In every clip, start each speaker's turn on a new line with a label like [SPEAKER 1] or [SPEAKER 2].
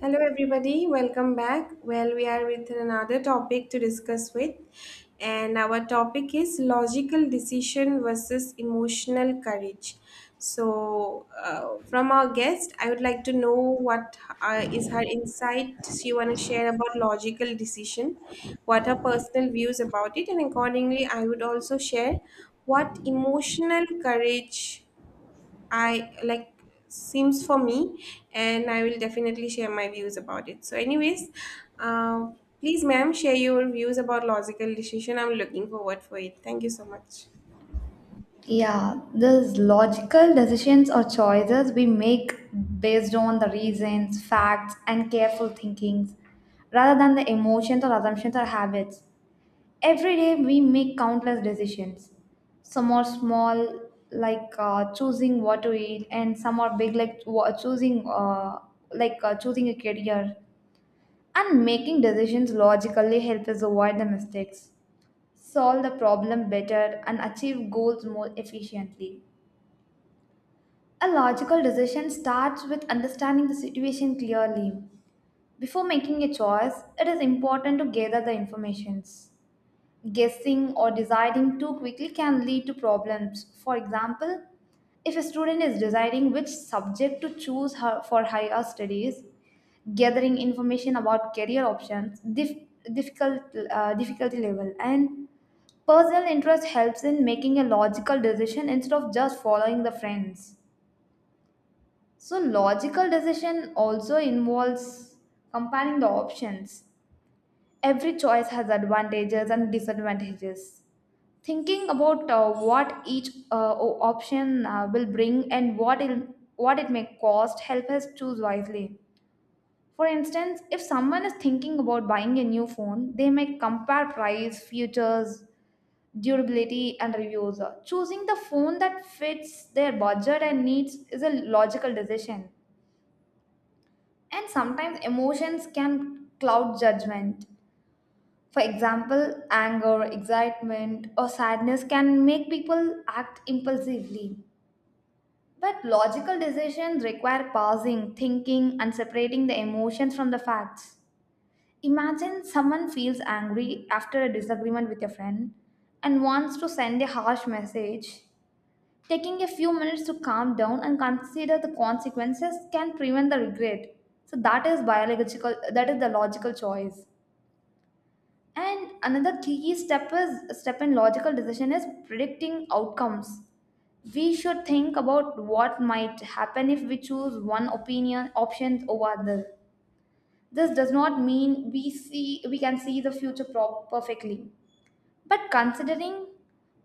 [SPEAKER 1] Hello, everybody. Welcome back. Well, we are with another topic to discuss with, and our topic is logical decision versus emotional courage. So, from our guest, I would like to know what is her insight she want to share about logical decision, what her personal views about it, and accordingly, I would also share what emotional courage I like seems for me, and I will definitely share my views about it. So, anyways, uh, please, ma'am, share your views about logical decision. I'm looking forward for it. Thank you so much.
[SPEAKER 2] Yeah, these logical decisions or choices we make based on the reasons, facts, and careful thinkings rather than the emotions or assumptions or habits. Every day we make countless decisions. Some are small, like choosing what to eat, and some are big, like choosing a career. And making decisions logically help us avoid the mistakes, solve the problem better, and achieve goals more efficiently. A logical decision starts with understanding the situation clearly. Before making a choice, it is important to gather the informations. Guessing or deciding too quickly can lead to problems. For example, if a student is deciding which subject to choose her for higher studies, gathering information about career options, difficult difficulty level, and personal interest helps in making a logical decision instead of just following the friends. So, logical decision also involves comparing the options. Every choice has advantages and disadvantages. Thinking about what each option will bring and what it may cost help us choose wisely. For instance, if someone is thinking about buying a new phone, they may compare price, features, durability, and reviews. Choosing the phone that fits their budget and needs is a logical decision. And sometimes emotions can cloud judgment. For example, anger, excitement, or sadness can make people act impulsively. But logical decisions require pausing, thinking, and separating the emotions from the facts. Imagine someone feels angry after a disagreement with a friend and wants to send a harsh message. Taking a few minutes to calm down and consider the consequences can prevent the regret. So that is the logical choice. And another key step in logical decision is predicting outcomes. We should think about what might happen if we choose one opinion options over other. This does not mean we can see the future perfectly, but considering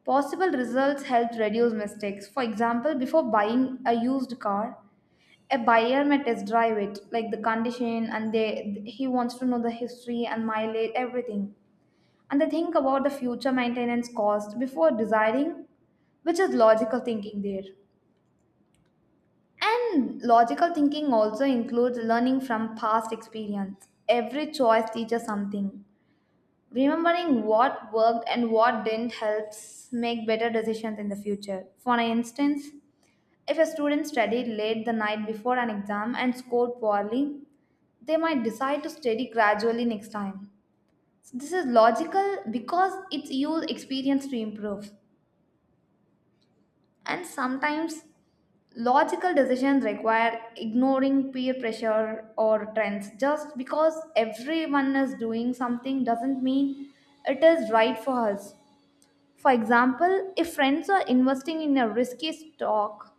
[SPEAKER 2] possible results helped reduce mistakes. For example, before buying a used car, a buyer may test drive it, like the condition, and they he wants to know the history and mileage, everything. And they think about the future maintenance cost before deciding, which is logical thinking there. And logical thinking also includes learning from past experience. Every choice teaches something. Remembering what worked and what didn't helps make better decisions in the future. For instance, if a student studied late the night before an exam and scored poorly, they might decide to study gradually next time. This is logical because it's used experience to improve. And sometimes logical decisions require ignoring peer pressure or trends. Just because everyone is doing something doesn't mean it is right for us. For example, if friends are investing in a risky stock,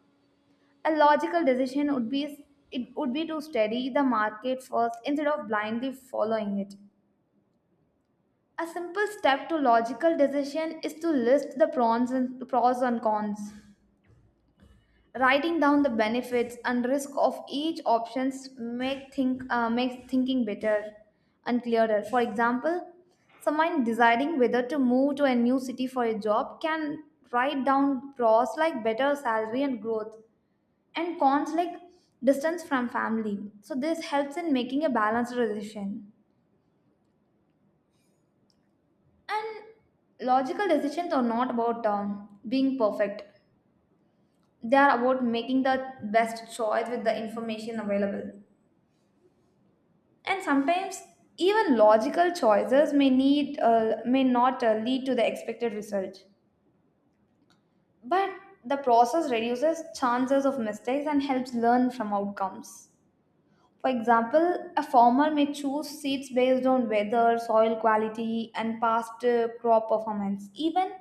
[SPEAKER 2] a logical decision would be it would be to study the market first instead of blindly following it. A simple step to logical decision is to list the pros and cons. Writing down the benefits and risk of each options makes thinking better and clearer. For example, someone deciding whether to move to a new city for a job can write down pros like better salary and growth and cons like distance from family. So this helps in making a balanced decision. And logical decisions are not about being perfect. They are about making the best choice with the information available. And sometimes even logical choices may not lead to the expected result, but the process reduces chances of mistakes and helps learn from outcomes. For example, a farmer may choose seeds based on weather, soil quality, and past crop performance. Even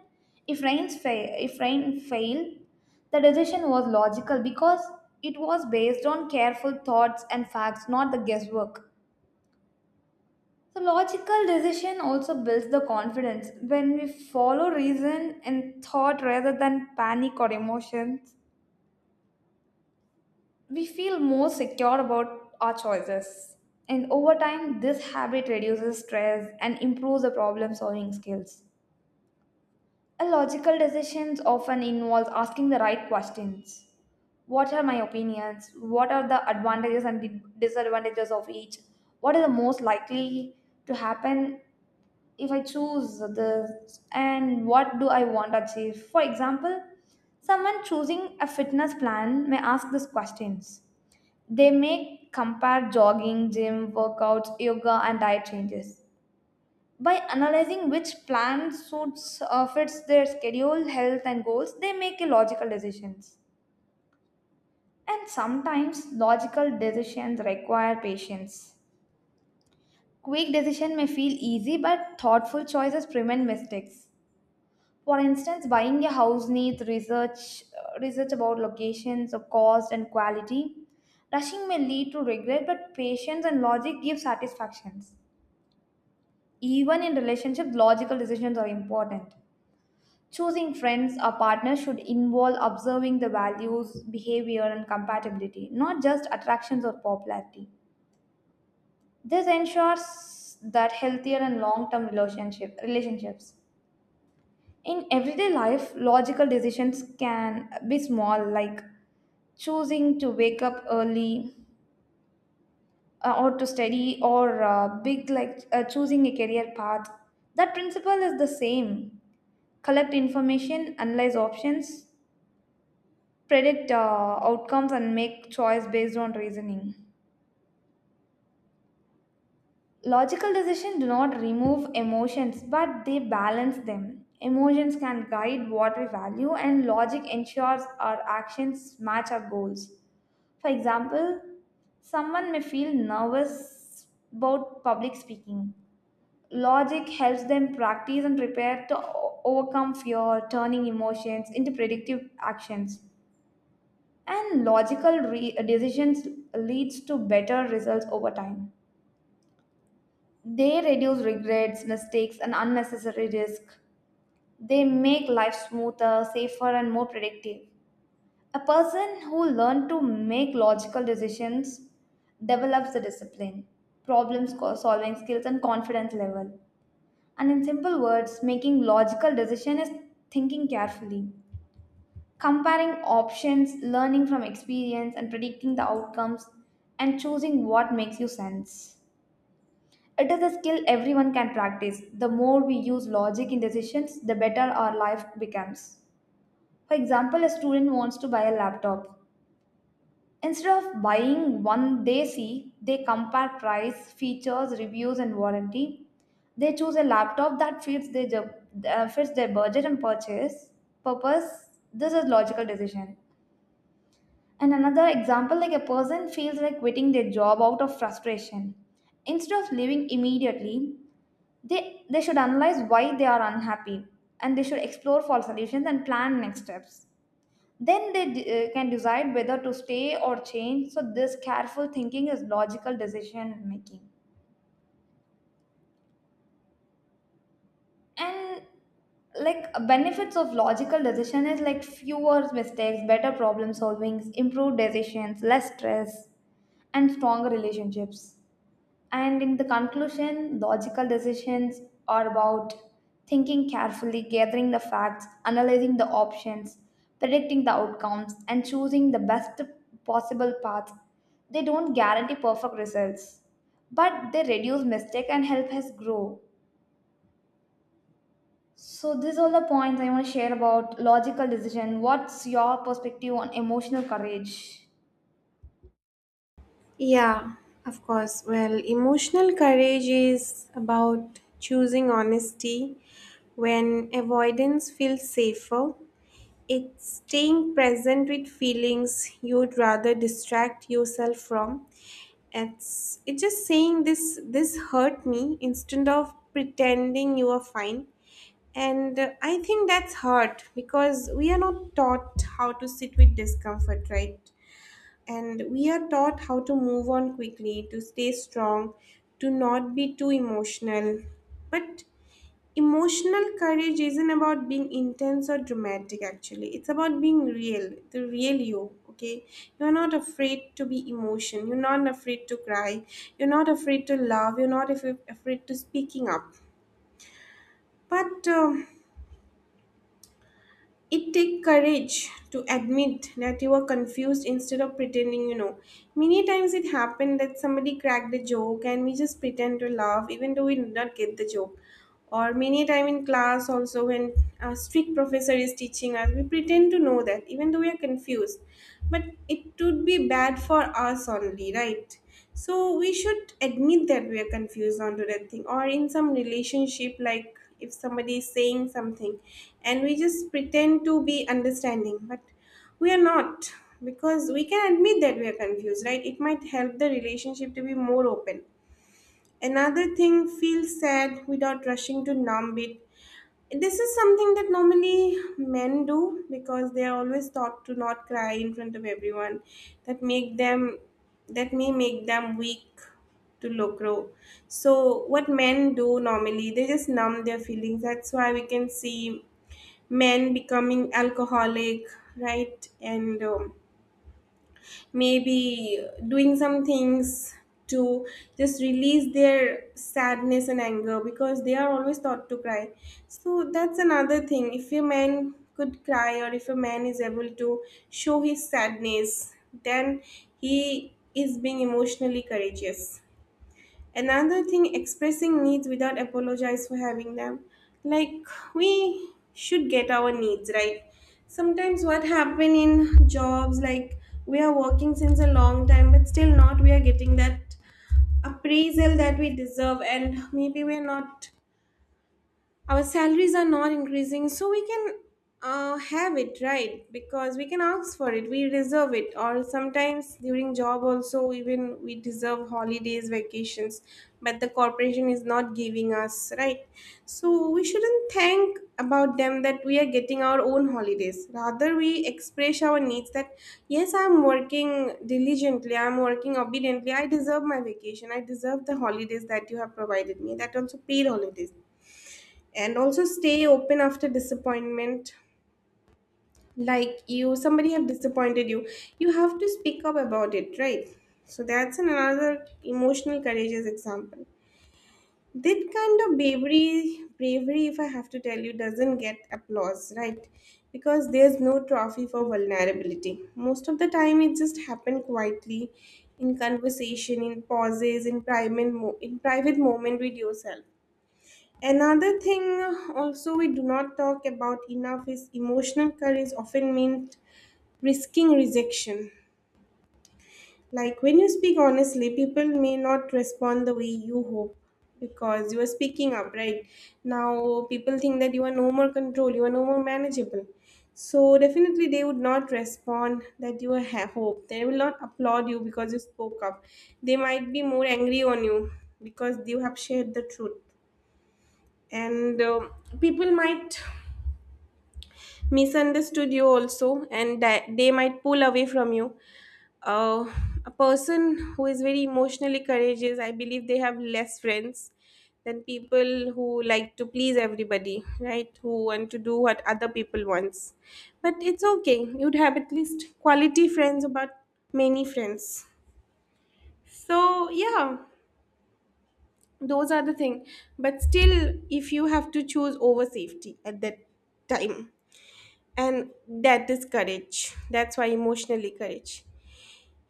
[SPEAKER 2] if rain fail, the decision was logical because it was based on careful thoughts and facts, not the guesswork. So, logical decision also builds the confidence. When we follow reason and thought rather than panic or emotions, we feel more secure about our choices. And over time, this habit reduces stress and improves the problem solving skills. A logical decisions often involves asking the right questions. What are my opinions? What are the advantages and disadvantages of each? What is the most likely to happen if I choose this, and what do I want to achieve? For example, someone choosing a fitness plan may ask these questions. They may compare jogging, gym, workouts, yoga, and diet changes. By analyzing which plan suits fits their schedule, health, and goals, they make a logical decisions. And sometimes logical decisions require patience. Quick decision may feel easy, but thoughtful choices prevent mistakes. For instance, buying a house needs research about locations, of cost, and quality. Rushing may lead to regret, but patience and logic give satisfactions. Even in relationships, logical decisions are important. Choosing friends or partners should involve observing the values, behavior, and compatibility, not just attractions or popularity. This ensures that healthier and long-term relationships. In everyday life, logical decisions can be small, like choosing to wake up early or to study, or big, like choosing a career path. That principle is the same. Collect information, analyze options, predict outcomes, and make choice based on reasoning. Logical decisions do not remove emotions, but they balance them. Emotions can guide what we value, and logic ensures our actions match our goals. For example, someone may feel nervous about public speaking. Logic helps them practice and prepare to overcome fear, turning emotions into predictive actions. And logical decisions leads to better results over time. They reduce regrets, mistakes, and unnecessary risk. They make life smoother, safer, and more predictive. A person who learns to make logical decisions develops the discipline, problem solving skills, and confidence level. And in simple words, making logical decision is thinking carefully, comparing options, learning from experience, and predicting the outcomes, and choosing what makes you sense. It is a skill everyone can practice. The more we use logic in decisions, the better our life becomes. For example, a student wants to buy a laptop. Instead of buying one they see, they compare price, features, reviews, and warranty. They choose a laptop that fits their budget and purchase purpose. This is logical decision. And another example, like a person feels like quitting their job out of frustration. Instead of leaving immediately, they should analyze why they are unhappy and they should explore for solutions and plan next steps. Then they can decide whether to stay or change. So, this careful thinking is logical decision making. And like benefits of logical decision is like fewer mistakes, better problem solvings, improved decisions, less stress, and stronger relationships. And in the conclusion, logical decisions are about thinking carefully, gathering the facts, analyzing the options, predicting the outcomes, and choosing the best possible path. They don't guarantee perfect results, but they reduce mistake and help us grow. So these are the points I want to share about logical decision. What's your perspective on emotional courage?
[SPEAKER 1] Yeah, of course. Well, emotional courage is about choosing honesty when avoidance feels safer. It's staying present with feelings you'd rather distract yourself from. It's just saying this hurt me instead of pretending you are fine. And I think that's hard because we are not taught how to sit with discomfort, right? And we are taught how to move on quickly, to stay strong, to not be too emotional. But emotional courage isn't about being intense or dramatic, actually. It's about being real, the real you, okay? You're not afraid to be emotion. You're not afraid to cry. You're not afraid to love. You're not afraid to speaking up. But it take courage to admit that you are confused instead of pretending you know. Many times it happened that somebody cracked a joke and we just pretend to laugh even though we did not get the joke, or many time in class also, when a strict professor is teaching us, we pretend to know that even though we are confused. But it would be bad for us only, right? So we should admit that we are confused onto that thing, or in some relationship, like if somebody is saying something, and we just pretend to be understanding, but we are not, because we can admit that we are confused, right? It might help the relationship to be more open. Another thing, feel sad without rushing to numb it. This is something that normally men do because they are always taught to not cry in front of everyone. That make them that may make them weak to locro. So what men do normally, they just numb their feelings. That's why we can see men becoming alcoholic, right? And maybe doing some things to just release their sadness and anger because they are always taught to cry. So that's another thing. If a man could cry or if a man is able to show his sadness, then he is being emotionally courageous. Another thing, expressing needs without apologize for having them. Like, we should get our needs right. Sometimes what happen in jobs, like we are working since a long time but still not we are getting that appraisal that we deserve, and maybe we're not, our salaries are not increasing, so we can have it right, because we can ask for it, we deserve it. Or sometimes during job also, even we deserve holidays, vacations, but the corporation is not giving us, right? So we shouldn't thank about them that we are getting our own holidays, rather we express our needs that yes, I'm working diligently, I'm working obediently, I deserve my vacation, I deserve the holidays that you have provided me, that also paid holidays. And also stay open after disappointment, like you somebody have disappointed you, you have to speak up about it, right? So that's another emotional courageous example. That kind of bravery, if I have to tell you, doesn't get applause, right? Because there's no trophy for vulnerability, most of the time it just happened quietly, in conversation, in pauses, in in private moment with yourself. Another thing also we do not talk about enough is emotional courage often means risking rejection. Like when you speak honestly, people may not respond the way you hope, because you are speaking up, right? Now people think that you are no more control, you are no more manageable. So definitely they would not respond that you have hope. They will not applaud you because you spoke up. They might be more angry on you because you have shared the truth. And people might misunderstood you also, and that they might pull away from you. uh, a person who is very emotionally courageous, I believe, they have less friends than people who like to please everybody, right, who want to do what other people wants. But it's okay, you'd have at least quality friends about many friends. So yeah, those are the thing. But still, if you have to choose over safety at that time, and that is courage. That's why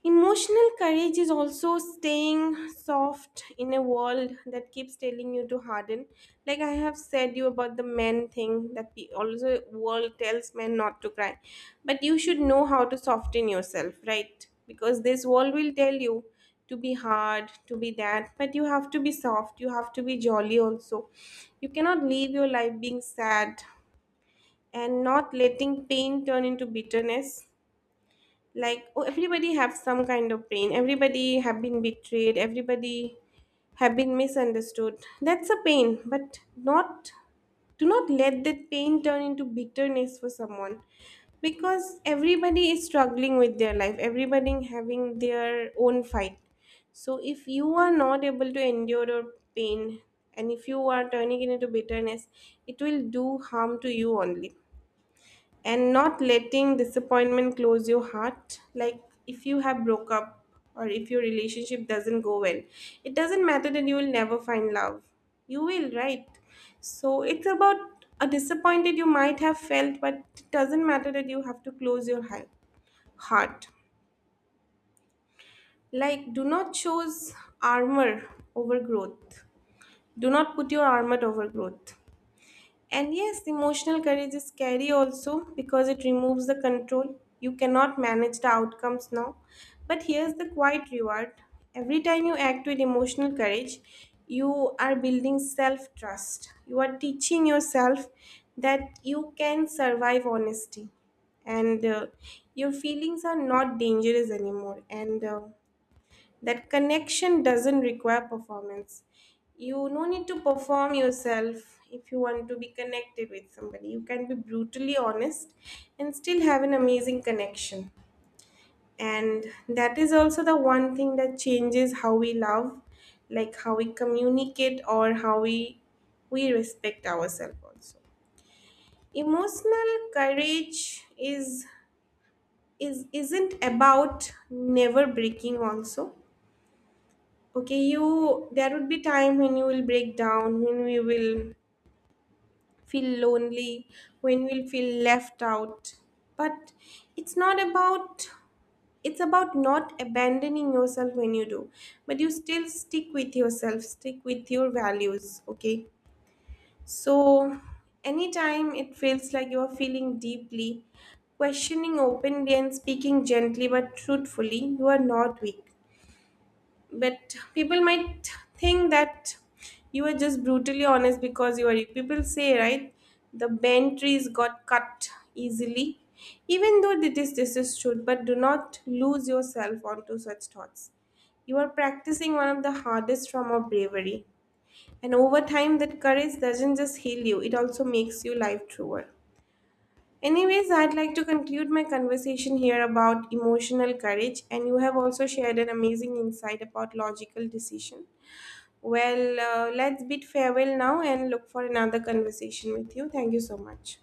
[SPEAKER 1] emotional courage is also staying soft in a world that keeps telling you to harden. Like I have said you about the men thing, that the also world tells men not to cry, but you should know how to soften yourself, right? Because this world will tell you to be hard, to be that, but you have to be soft, you have to be jolly also. You cannot live your life being sad, and not letting pain turn into bitterness. Like, oh, everybody have some kind of pain, everybody have been betrayed, everybody have been misunderstood, that's a pain, but not, do not let that pain turn into bitterness for someone, because everybody is struggling with their life, everybody having their own fight. So if you are not able to endure your pain, and if you are turning it into bitterness, it will do harm to you only. And not letting disappointment close your heart, like if you have broke up or if your relationship doesn't go well, it doesn't matter that you will never find love, you will, right? So it's about a disappointed you might have felt, but it doesn't matter that you have to close your heart. Like, do not choose armor over growth, do not put your armor over growth. And yes, emotional courage is scary also, because it removes the control. You cannot manage the outcomes now. But here's the quiet reward, every time you act with emotional courage, you are building self trust. You are teaching yourself that you can survive honesty, and your feelings are not dangerous anymore. And that connection doesn't require performance. You no need to perform yourself if you want to be connected with somebody. You can be brutally honest and still have an amazing connection. And that is also the one thing that changes how we love, like how we communicate, or how we respect ourselves also. Emotional courage is isn't about never breaking also, okay? You, there would be time when you will break down, when we will feel lonely, when we'll feel left out, but it's not about, it's about not abandoning yourself when you do, but you still stick with yourself, stick with your values, okay? So anytime it feels like you are feeling deeply, questioning openly, and speaking gently but truthfully, you are not weak. But people might think that you are just brutally honest, because you are, people say, right, the bent trees got cut easily. Even though it is this is true, but do not lose yourself onto such thoughts. You are practicing one of the hardest form of bravery, and over time, that courage doesn't just heal you, it also makes you life truer. Anyways, I'd like to conclude my conversation here about emotional courage, and you have also shared an amazing insight about logical decision. Well, let's bid farewell now and look for another conversation with you. Thank you so much.